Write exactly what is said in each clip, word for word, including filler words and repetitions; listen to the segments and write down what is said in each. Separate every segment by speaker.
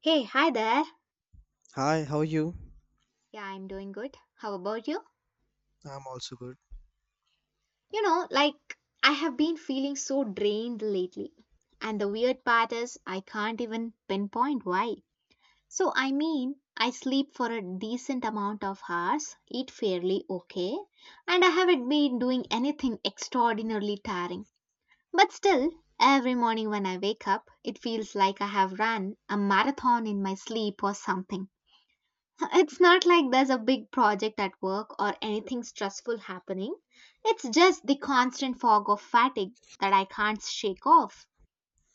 Speaker 1: Hey, hi there.
Speaker 2: Hi, how are you?
Speaker 1: Yeah, I'm doing good. How about you?
Speaker 2: I'm also good.
Speaker 1: You know, like I have been feeling so drained lately. And the weird part is, I can't even pinpoint why. So, I mean, I sleep for a decent amount of hours, eat fairly okay, and I haven't been doing anything extraordinarily tiring. But still, every morning when I wake up, it feels like I have run a marathon in my sleep or something. It's not like there's a big project at work or anything stressful happening. It's just the constant fog of fatigue that I can't shake off.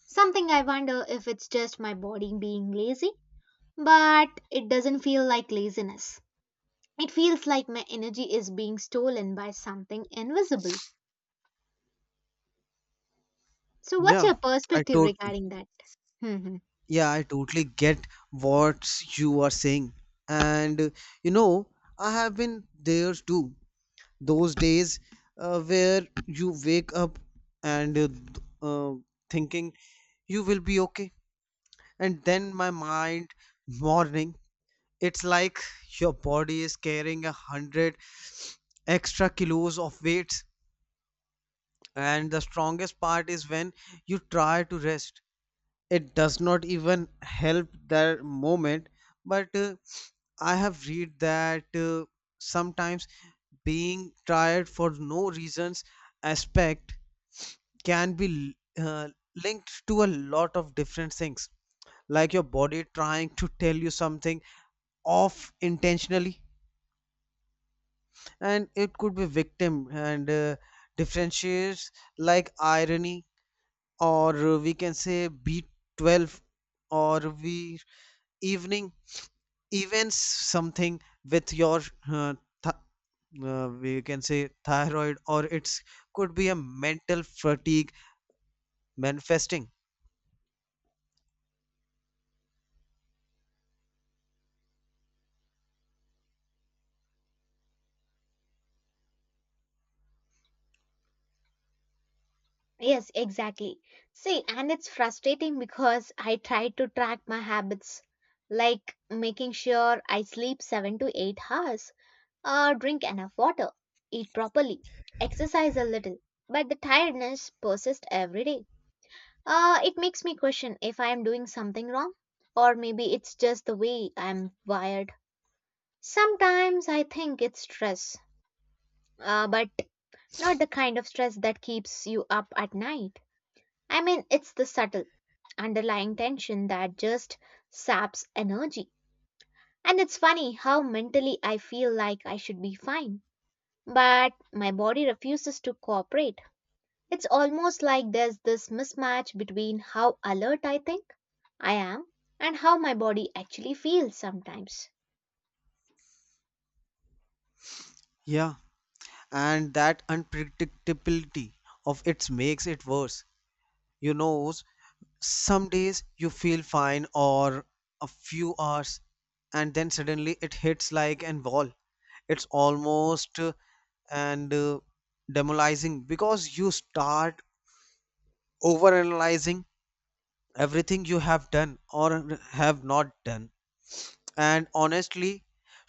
Speaker 1: Something I wonder if it's just my body being lazy, but it doesn't feel like laziness. It feels like my energy is being stolen by something invisible. So, what's
Speaker 2: Yeah,
Speaker 1: your
Speaker 2: I
Speaker 1: perspective
Speaker 2: totally,
Speaker 1: regarding that?
Speaker 2: yeah, I totally get what you are saying. And uh, you know, I have been there too. Those days uh, where you wake up and uh, th- uh, thinking you will be okay, and then my mind morning, it's like your body is carrying a hundred extra kilos of weights. And the strongest part is when you try to rest, it does not even help that moment, but uh, I have read that uh, sometimes being tired for no reasons aspect can be uh, linked to a lot of different things, like your body trying to tell you something off intentionally, and it could be victim, and uh, differentiates like irony, or we can say B twelve, or we evening events something with your uh, th- uh, we can say thyroid, or it's could be a mental fatigue manifesting.
Speaker 1: Yes, exactly. See, and it's frustrating because I try to track my habits, like making sure I sleep seven to eight hours, or drink enough water, eat properly, exercise a little. But the tiredness persists every day. Uh, it makes me question if I am doing something wrong, or maybe it's just the way I'm wired. Sometimes I think it's stress, uh, but not the kind of stress that keeps you up at night. I mean, it's the subtle underlying tension that just saps energy. And it's funny how mentally I feel like I should be fine, but my body refuses to cooperate. It's almost like there's this mismatch between how alert I think I am and how my body actually feels sometimes.
Speaker 2: Yeah, and that unpredictability of it makes it worse, you knows. Some days you feel fine or a few hours, and then suddenly it hits like an wall. It's almost uh, and uh, demolizing because you start overanalyzing everything you have done or have not done. And honestly,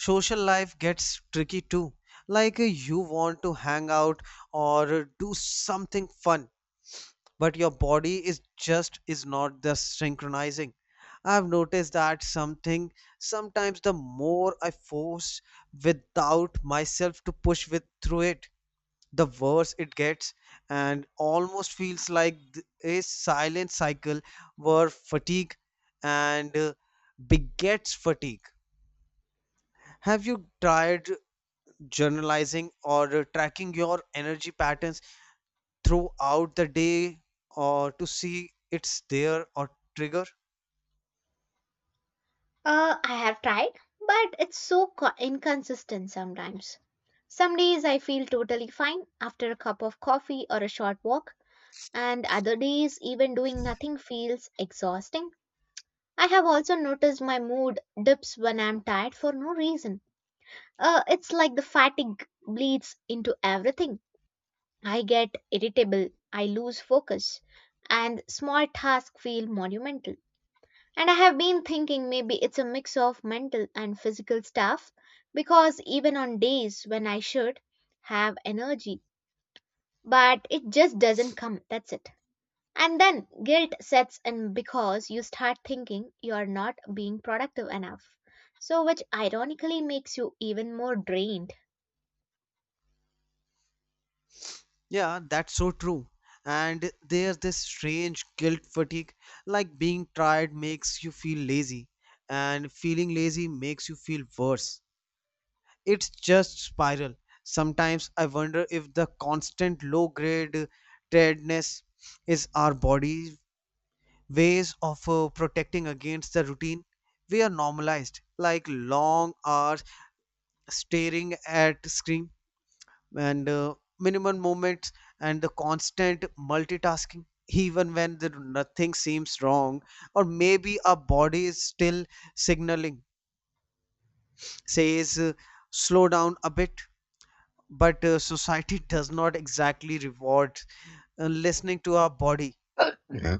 Speaker 2: social life gets tricky too. Like uh, you want to hang out or do something fun, but your body is just is not the synchronizing. I've noticed that something, sometimes the more I force without myself to push with through it, the worse it gets. And almost feels like th- a silent cycle where fatigue and uh, begets fatigue. Have you tried journalizing or uh, tracking your energy patterns throughout the day, or to see it's there or trigger?
Speaker 1: Uh, I have tried, but it's so co- inconsistent sometimes. Some days I feel totally fine after a cup of coffee or a short walk and other days even doing nothing feels exhausting. I have also noticed my mood dips when I'm tired for no reason. Uh, it's like the fatigue bleeds into everything. I get irritable, I lose focus, and small tasks feel monumental. And I have been thinking maybe it's a mix of mental and physical stuff because even on days when I should have energy, but it just doesn't come. That's it. And then guilt sets in because you start thinking you're not being productive enough. So, which ironically makes you even more drained.
Speaker 2: Yeah, that's so true. And there's this strange guilt fatigue, like being tired makes you feel lazy, and feeling lazy makes you feel worse. It's just spiral. Sometimes I wonder if the constant low grade tiredness is our body's ways of uh, protecting against the routine. We are normalized, like long hours staring at screen, and uh, minimum movements and the constant multitasking, even when the nothing seems wrong. Or maybe our body is still signaling, says uh, slow down a bit, but uh, society does not exactly reward uh, listening to our body.
Speaker 1: Yeah.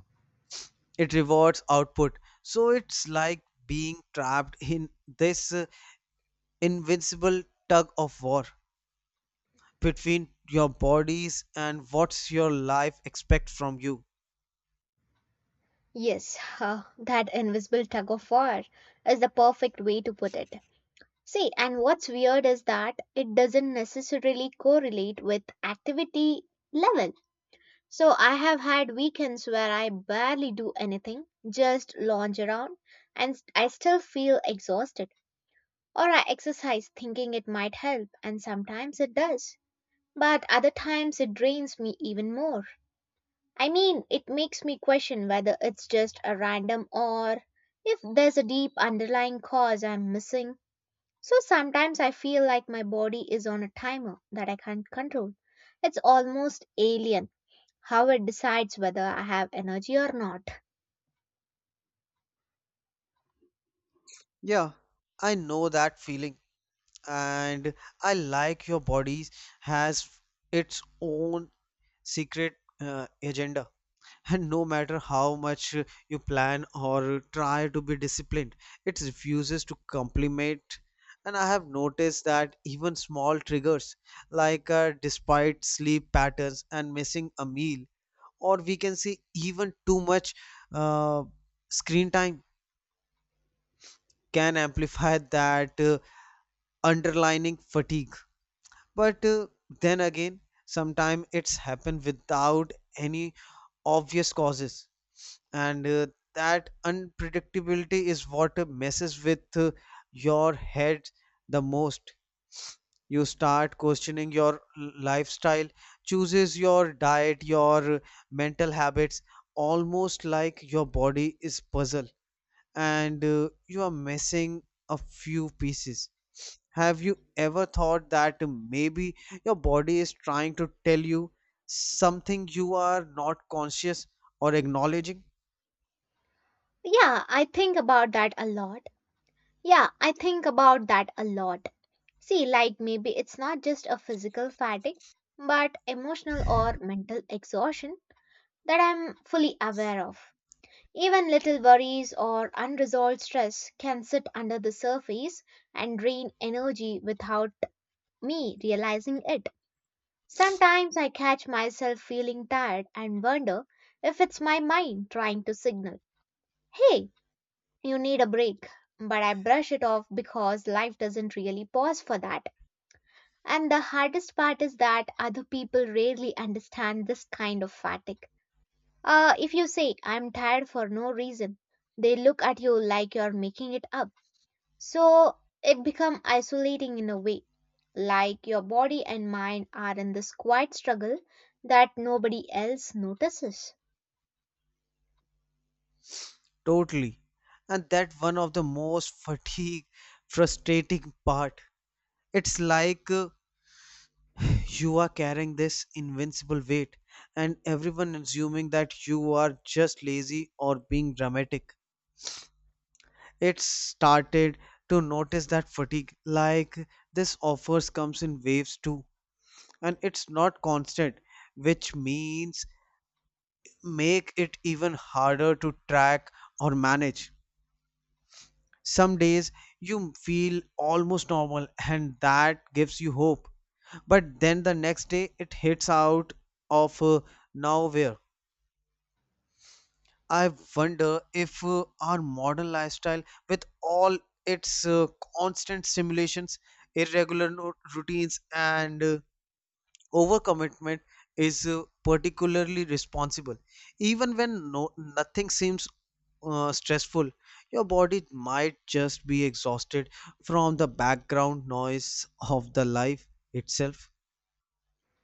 Speaker 2: It rewards output, so it's like being trapped in this uh, invincible tug of war between your bodies and what's your life expect from you.
Speaker 1: Yes, uh, that invisible tug of war is the perfect way to put it. See, and what's weird is that it doesn't necessarily correlate with activity level. So I have had weekends where I barely do anything, just lounge around, and I still feel exhausted. Or I exercise thinking it might help, and sometimes it does, but other times it drains me even more. I mean, it makes me question whether it's just a random or if there's a deep underlying cause I'm missing. So sometimes I feel like my body is on a timer that I can't control. It's almost alien how it decides whether I have energy or not.
Speaker 2: Yeah, I know that feeling. And I like your bodies has its own secret uh, agenda, and no matter how much you plan or try to be disciplined, it refuses to complement. And I have noticed that even small triggers, like uh, despite sleep patterns and missing a meal, or we can say even too much uh, screen time can amplify that uh, underlining fatigue. But uh, then again, sometimes it's happened without any obvious causes. And uh, that unpredictability is what uh, messes with uh, your head the most. You start questioning your l- lifestyle chooses, your diet, your mental habits, almost like your body is puzzle and uh, you are missing a few pieces. Have you ever thought that maybe your body is trying to tell you something you are not conscious or acknowledging?
Speaker 1: Yeah, I think about that a lot. Yeah, I think about that a lot. See, like maybe it's not just a physical fatigue, but emotional or mental exhaustion that I'm fully aware of. Even little worries or unresolved stress can sit under the surface and drain energy without me realizing it. Sometimes I catch myself feeling tired and wonder if it's my mind trying to signal, hey, you need a break. But I brush it off because life doesn't really pause for that. And the hardest part is that other people rarely understand this kind of fatigue. Uh, if you say, I'm tired for no reason, they look at you like you're making it up. So it becomes isolating in a way, like your body and mind are in this quiet struggle that nobody else notices.
Speaker 2: Totally. And that one of the most fatigue frustrating part. It's like uh, you are carrying this invincible weight and everyone assuming that you are just lazy or being dramatic. It started to notice that fatigue, like this offers, comes in waves too, and it's not constant, which means make it even harder to track or manage. Some days you feel almost normal and that gives you hope, but then the next day it hits out of uh, nowhere. I wonder if uh, our modern lifestyle, with all its uh, constant stimulations, irregular no- routines, and uh, overcommitment, is uh, particularly responsible. Even when no, nothing seems uh, stressful, your body might just be exhausted from the background noise of the life itself.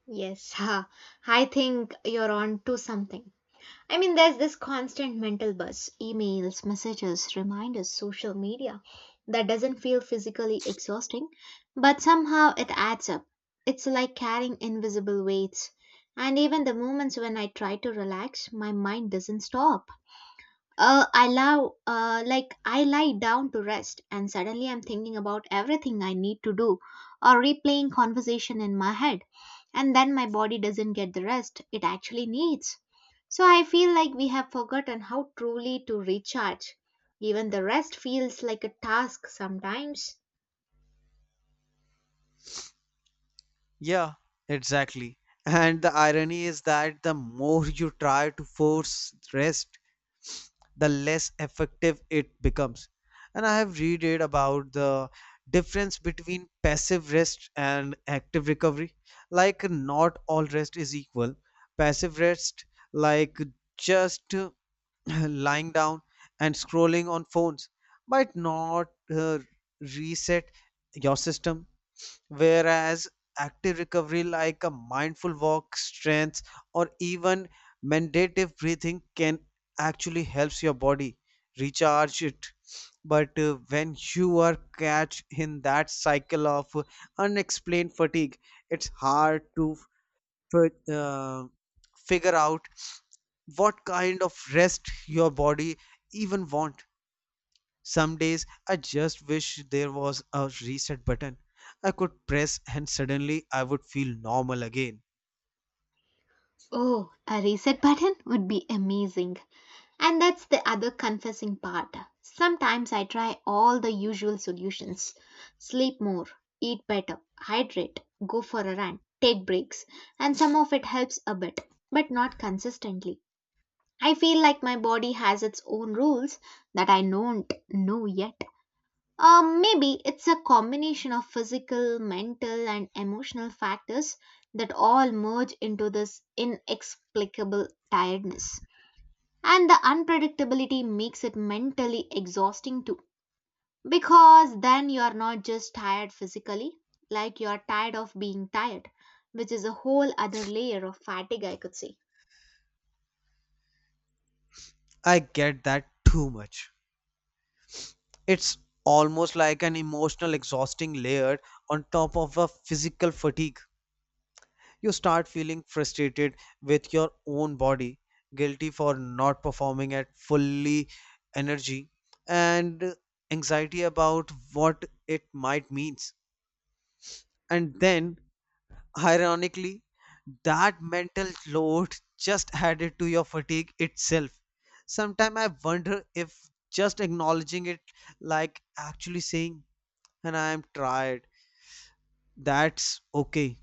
Speaker 1: Yes, I think you're on to something. I mean, there's this constant mental buzz, emails, messages, reminders, social media that doesn't feel physically exhausting, but somehow it adds up. It's like carrying invisible weights. And even the moments when I try to relax, my mind doesn't stop. Uh, I love, uh, like, I lie down to rest, and suddenly I'm thinking about everything I need to do or replaying conversation in my head. And then my body doesn't get the rest it actually needs. So I feel like we have forgotten how truly to recharge. Even the rest feels like a task sometimes.
Speaker 2: Yeah, exactly. And the irony is that the more you try to force rest, the less effective it becomes. And I have read it about the difference between passive rest and active recovery. Like, not all rest is equal. Passive rest, like just uh, lying down and scrolling on phones, might not uh, reset your system. Whereas active recovery, like a mindful walk, strength, or even meditative breathing, can actually helps your body recharge it. But uh, when you are catch in that cycle of unexplained fatigue, it's hard to fi- uh, figure out what kind of rest your body even want. Some days I just wish there was a reset button I could press and suddenly I would feel normal again.
Speaker 1: Oh, a reset button would be amazing. And that's the other confessing part. Sometimes I try all the usual solutions sleep more, eat better, hydrate, go for a run, take breaks, and some of it helps a bit, but not consistently. I feel like my body has its own rules that I don't know yet. Um, maybe it's a combination of physical, mental, and emotional factors that all merge into this inexplicable tiredness. And the unpredictability makes it mentally exhausting too. Because then you are not just tired physically, like you are tired of being tired, which is a whole other layer of fatigue, I could say.
Speaker 2: I get that too much. It's almost like an emotional exhausting layer on top of a physical fatigue. You start feeling frustrated with your own body, guilty for not performing at fully energy, and anxiety about what it might means. And then ironically, that mental load just added to your fatigue itself. Sometimes I wonder if just acknowledging it, like actually saying, and I am tired, that's okay,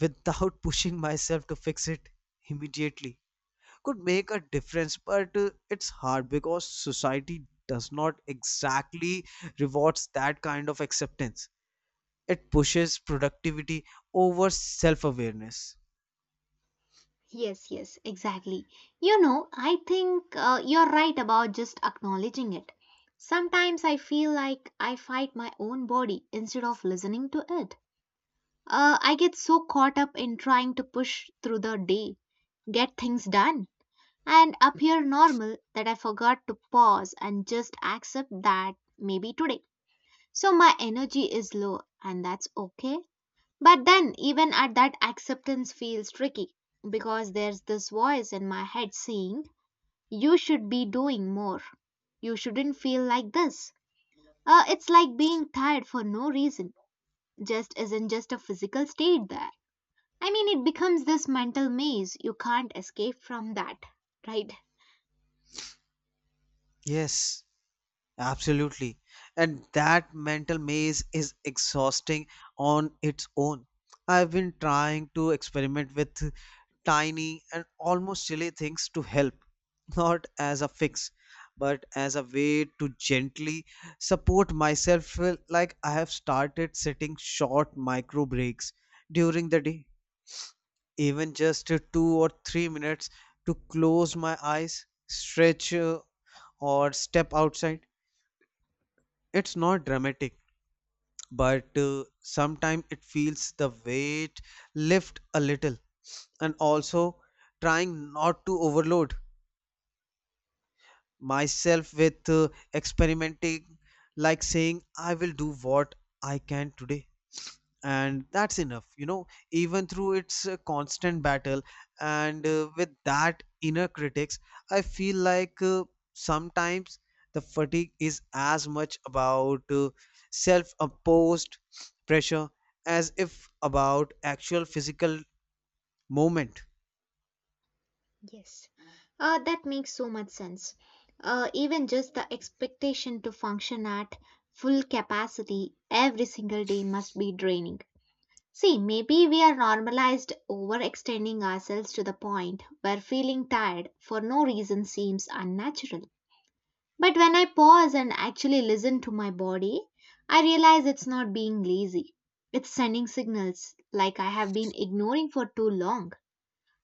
Speaker 2: without pushing myself to fix it immediately, could make a difference. But uh, it's hard because society does not exactly rewards that kind of acceptance. It pushes productivity over self awareness.
Speaker 1: Yes, yes, exactly. You know, I think uh, you're right about just acknowledging it. Sometimes I feel like I fight my own body instead of listening to it. Uh, I get so caught up in trying to push through the day, get things done and appear normal that I forgot to pause and just accept that maybe today. So my energy is low and that's okay. But then even at that acceptance feels tricky because there's this voice in my head saying you should be doing more. You shouldn't feel like this. Uh, it's like being tired for no reason. Just isn't just a physical state there. I mean, it becomes this mental maze. You can't escape from that, right?
Speaker 2: Yes. Absolutely. And that mental maze is exhausting on its own. I've been trying to experiment with tiny and almost silly things to help, not as a fix, but as a way to gently support myself. Well, like I have started setting short micro breaks during the day, even just uh, two or three minutes to close my eyes, stretch, uh, or step outside. It's not dramatic, but uh, sometimes it feels the weight lift a little. And also trying not to overload myself with uh, experimenting, like saying I will do what I can today and that's enough, you know. Even through its uh, constant battle and uh, with that inner critics, I feel like uh, sometimes the fatigue is as much about uh, self-imposed pressure as if about actual physical movement.
Speaker 1: Yes, uh, that makes so much sense. Uh, even just the expectation to function at full capacity every single day must be draining. See, maybe we are normalized overextending ourselves to the point where feeling tired for no reason seems unnatural. But when I pause and actually listen to my body, I realize it's not being lazy. It's sending signals like I have been ignoring for too long.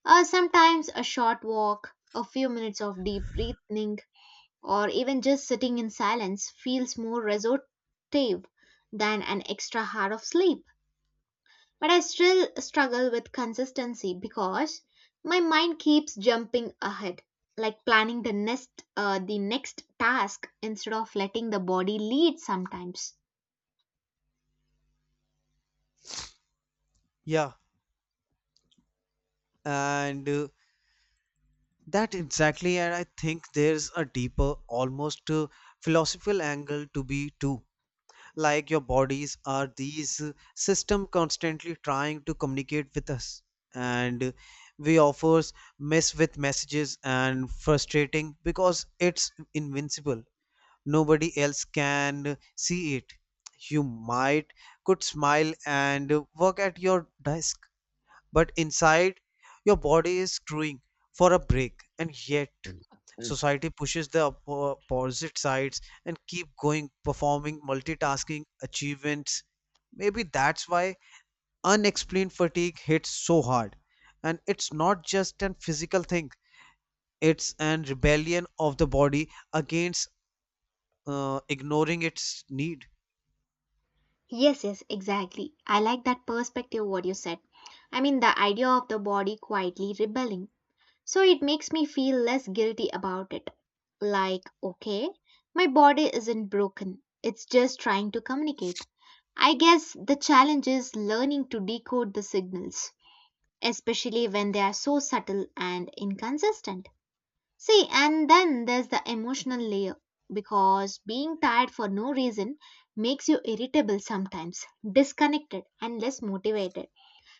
Speaker 1: Uh, sometimes a short walk, a few minutes of deep breathing, or even just sitting in silence feels more restorative than an extra hour of sleep. But I still struggle with consistency because my mind keeps jumping ahead, like planning the next uh, the next task instead of letting the body lead sometimes.
Speaker 2: Yeah, and uh, that exactly. And I think there's a deeper, almost uh, philosophical angle to be too. Like your bodies are these uh, system constantly trying to communicate with us, and uh, we offers mess with messages and frustrating because it's invincible, nobody else can see it. You might could smile and uh, work at your desk, but inside your body is screwing for a break. And yet
Speaker 1: Mm.
Speaker 2: society pushes the oppo- opposite sides, and keep going performing multitasking achievements. Maybe that's why unexplained fatigue hits so hard. And it's not just an physical thing, it's an rebellion of the body against uh, ignoring its need.
Speaker 1: Yes, yes, exactly. I like that perspective, what you said. I mean, the idea of the body quietly rebelling so it makes me feel less guilty about it. Like, okay, my body isn't broken, it's just trying to communicate. I guess the challenge is learning to decode the signals, especially when they are so subtle and inconsistent. See, and then there's the emotional layer because being tired for no reason makes you irritable sometimes, disconnected, and less motivated.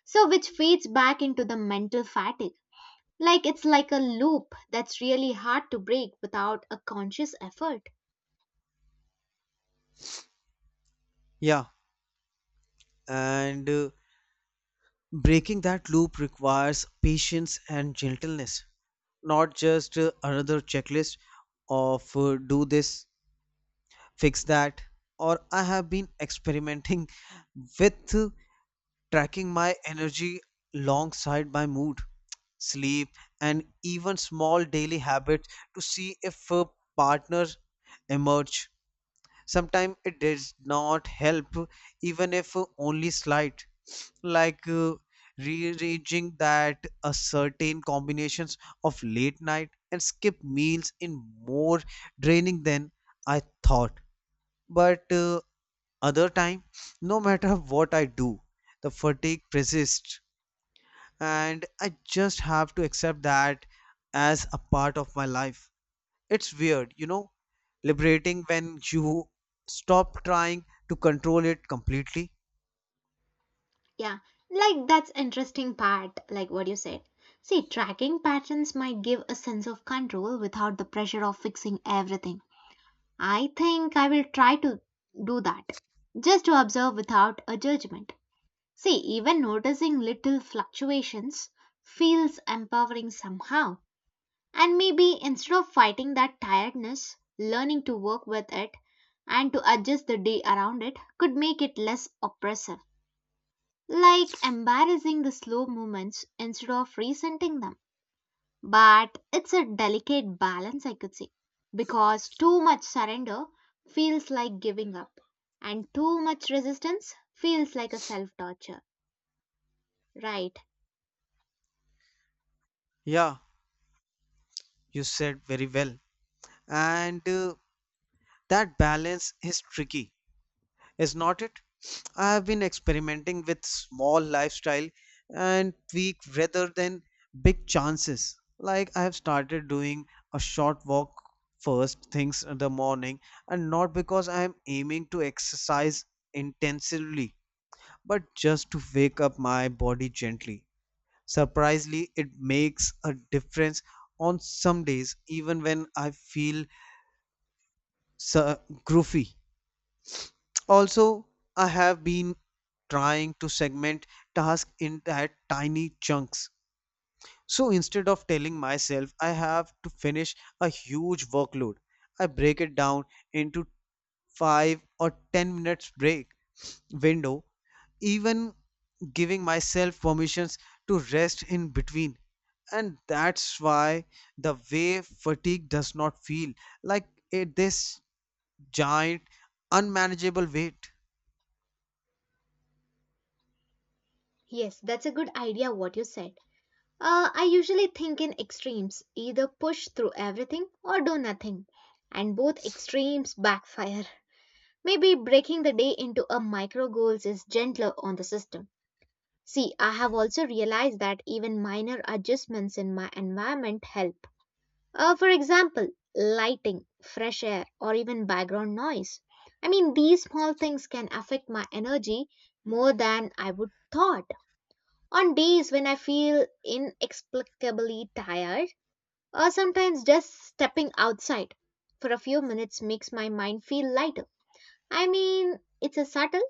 Speaker 1: So, which feeds back into the mental fatigue. Like it's like a loop that's really hard to break without a conscious effort.
Speaker 2: Yeah, and uh, breaking that loop requires patience and gentleness, not just uh, another checklist of uh, do this, fix that. Or I have been experimenting with uh, tracking my energy alongside my mood, sleep, and even small daily habits to see if a partner emerge. Sometimes it does not help, even if only slight, like uh, rearranging that a certain combinations of late night and skip meals in more draining than I thought. But uh, other time, no matter what I do, the fatigue persists and I just have to accept that as a part of my life. It's weird, you know, liberating when you stop trying to control it completely.
Speaker 1: Yeah, like that's interesting part, like what you said. See, tracking patterns might give a sense of control without the pressure of fixing everything. I think I will try to do that. Just to observe without a judgment. See, even noticing little fluctuations feels empowering somehow. And maybe instead of fighting that tiredness, learning to work with it and to adjust the day around it could make it less oppressive. Like embarrassing the slow moments instead of resenting them. But it's a delicate balance, I could say, because too much surrender feels like giving up, and too much resistance feels like a self torture. Right.
Speaker 2: Yeah, you said very well. And uh, that balance is tricky, is not it? I have been experimenting with small lifestyle and tweak rather than big chances. Like I have started doing a short walk first things in the morning, and not because I am aiming to exercise intensively, but just to wake up my body gently. Surprisingly, it makes a difference on some days, even when I feel so groovy. Also, I have been trying to segment tasks in that tiny chunks. So instead of telling myself I have to finish a huge workload, I break it down into five or ten minutes break window, even giving myself permissions to rest in between. And that's why the way fatigue does not feel like it, this giant unmanageable weight.
Speaker 1: Yes, that's a good idea what you said. Uh, I usually think in extremes, either push through everything or do nothing, and both extremes backfire. Maybe breaking the day into a micro goals is gentler on the system. See, I have also realized that even minor adjustments in my environment help. Uh, for example, lighting, fresh air, or even background noise. I mean, these small things can affect my energy more than I would thought. On days when I feel inexplicably tired, or sometimes just stepping outside for a few minutes makes my mind feel lighter. I mean, it's a subtle,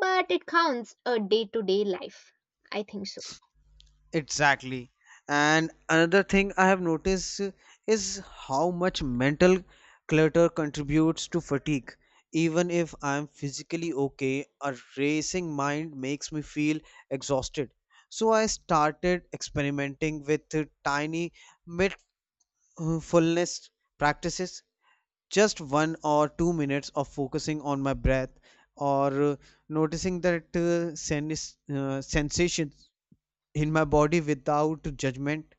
Speaker 1: but it counts a day to day life. I think so.
Speaker 2: Exactly. And another thing I have noticed is how much mental clutter contributes to fatigue. Even if I am physically okay, a racing mind makes me feel exhausted. So I started experimenting with uh, tiny mindfulness practices, just one or two minutes of focusing on my breath or uh, noticing that uh, sen- uh, sensation in my body without judgment.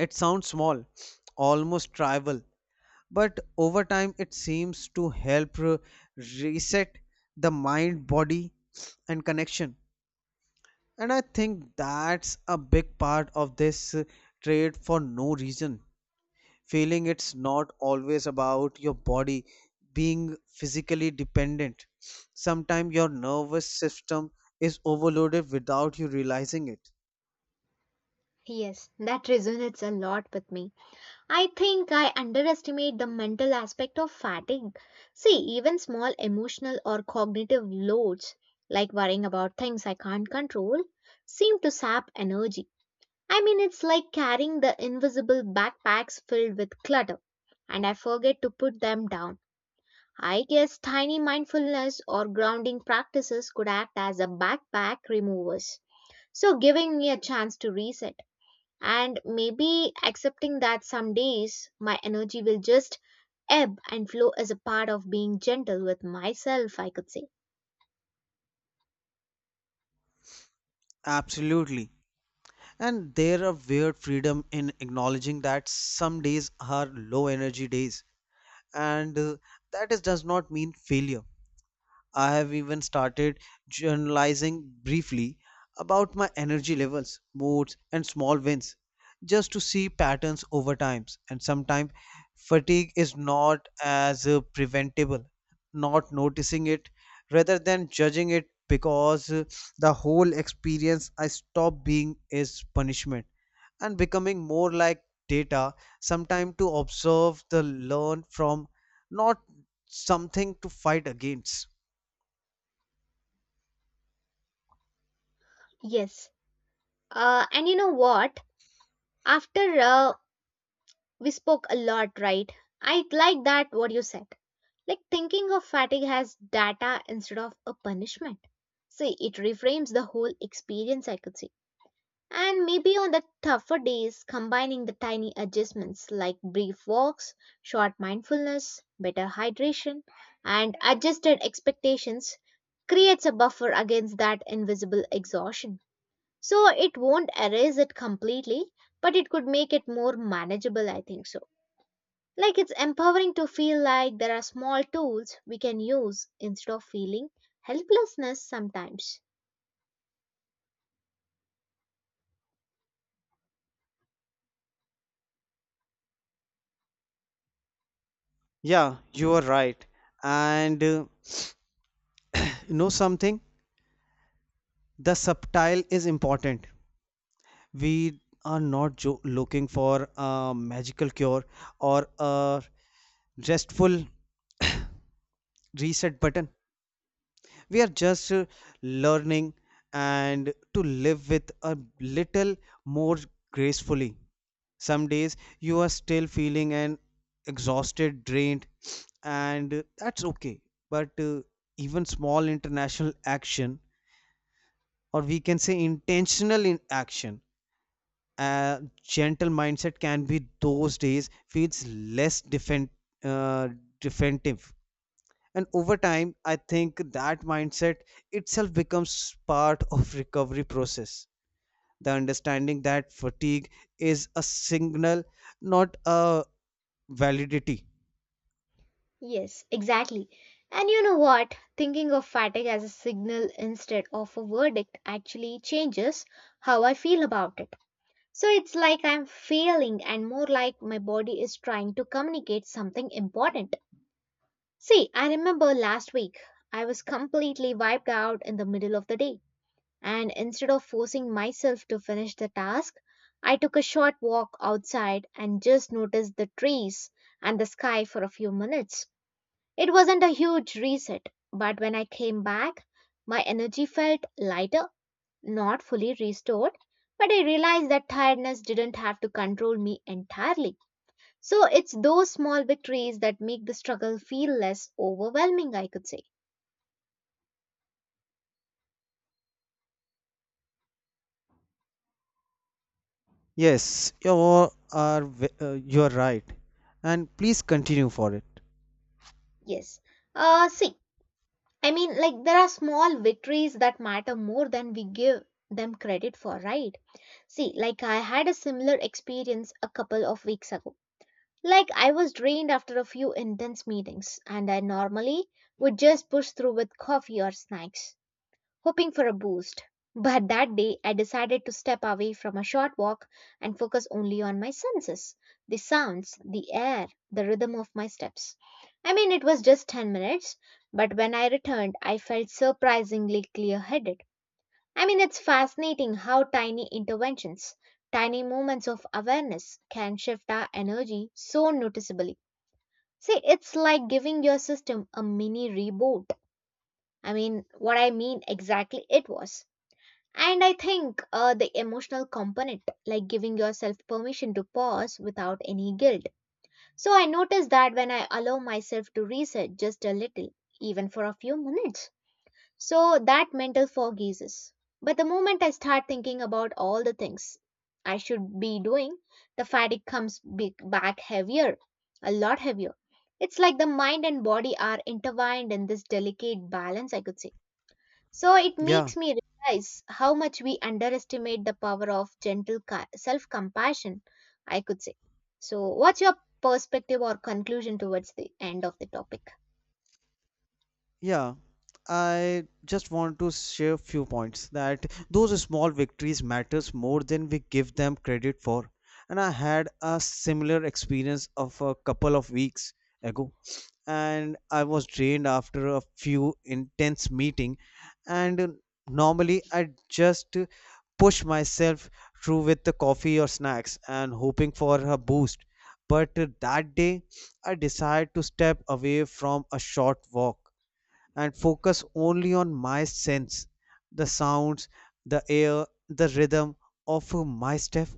Speaker 2: It sounds small, almost trivial, but over time it seems to help re- reset the mind, body, and connection. And I think that's a big part of this uh, trait for no reason. Feeling it's not always about your body being physically dependent. Sometimes your nervous system is overloaded without you realizing it.
Speaker 1: Yes, that resonates a lot with me. I think I underestimate the mental aspect of fatigue. See, even small emotional or cognitive loads, like worrying about things I can't control, seem to sap energy. I mean, it's like carrying the invisible backpacks filled with clutter, and I forget to put them down. I guess tiny mindfulness or grounding practices could act as a backpack removers. So, giving me a chance to reset and maybe accepting that some days my energy will just ebb and flow is a part of being gentle with myself, I could say.
Speaker 2: Absolutely. And there are weird freedom in acknowledging that some days are low energy days, and uh, that is, does not mean failure. I have even started journalizing briefly about my energy levels, moods, and small wins, just to see patterns over times. And sometimes fatigue is not as uh, preventable. Not noticing it, rather than judging it, because uh, the whole experience I stop being is punishment and becoming more like data sometime to observe the learn from, not something to fight against.
Speaker 1: Yes. Uh, and you know what? After uh, we spoke a lot, right? I like that what you said. Like thinking of fatigue as data instead of a punishment. See, it reframes the whole experience, I could see. And maybe on the tougher days, combining the tiny adjustments like brief walks, short mindfulness, better hydration, and adjusted expectations creates a buffer against that invisible exhaustion. So it won't erase it completely, but it could make it more manageable, I think so. Like it's empowering to feel like there are small tools we can use instead of feeling helplessness sometimes.
Speaker 2: Yeah, you are right. And uh, you know something, the subtile is important. We are not jo- looking for a magical cure or a restful reset button. We are just uh, learning and to live with a little more gracefully. Some days you are still feeling and exhausted drained and uh, that's okay. But uh, even small international action, or we can say intentional in action, a gentle mindset can be those days feels less defend, uh, defensive. And over time, I think that mindset itself becomes part of recovery process, the understanding that fatigue is a signal, not a validity.
Speaker 1: Yes, exactly. And you know what? Thinking of fatigue as a signal instead of a verdict actually changes how I feel about it. So it's like I'm failing and more like my body is trying to communicate something important. See, I remember last week I was completely wiped out in the middle of the day and instead of forcing myself to finish the task, I took a short walk outside and just noticed the trees and the sky for a few minutes. It wasn't a huge reset, but when I came back, my energy felt lighter, not fully restored, but I realized that tiredness didn't have to control me entirely. So it's those small victories that make the struggle feel less overwhelming, I could say.
Speaker 2: Yes, you are v- uh, you are right, and please continue for it.
Speaker 1: Yes. Uh, see, I mean, like, there are small victories that matter more than we give them credit for, right? See, like, I had a similar experience a couple of weeks ago. Like, I was drained after a few intense meetings, and I normally would just push through with coffee or snacks hoping for a boost. But that day, I decided to step away from a short walk and focus only on my senses the sounds, the air, the rhythm of my steps. I mean, it was just ten minutes, but when I returned, I felt surprisingly clear headed. I mean, it's fascinating how tiny interventions, tiny moments of awareness can shift our energy so noticeably. See, it's like giving your system a mini reboot. I mean, what I mean exactly it was. And I think uh, the emotional component, like giving yourself permission to pause without any guilt. So I notice that when I allow myself to reset just a little, even for a few minutes, so that mental fog eases. But the moment I start thinking about all the things I should be doing, the fatigue comes big back heavier, a lot heavier. It's like the mind and body are intertwined in this delicate balance, I could say. So it
Speaker 2: Yeah,
Speaker 1: makes me realize how much we underestimate the power of gentle self compassion, I could say. So, what's your perspective or conclusion towards the end of the topic?
Speaker 2: yeah. I just want to share few points that those small victories matters more than we give them credit for. And I had a similar experience of a couple of weeks ago, and I was drained after a few intense meeting, and uh, normally I just uh, push myself through with the coffee or snacks and hoping for a boost. But uh, that day I decided to step away from a short walk and focus only on my sense, the sounds, the air, the rhythm of uh, my step.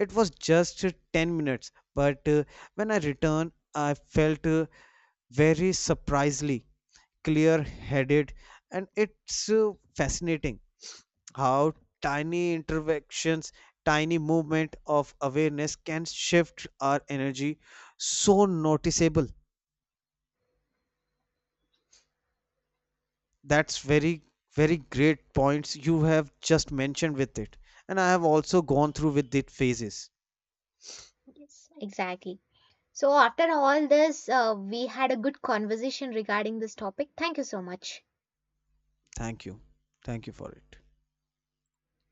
Speaker 2: It was just uh, ten minutes, but uh, when I returned, I felt uh, very surprisingly clear headed. And it's uh, fascinating how tiny interactions, tiny movement of awareness can shift our energy so noticeable. That's very very great points you have just mentioned with it, and I have also gone through with it phases.
Speaker 1: Yes, exactly. So, after all this, uh, we had a good conversation regarding this topic. Thank you so much.
Speaker 2: Thank you. Thank you for it.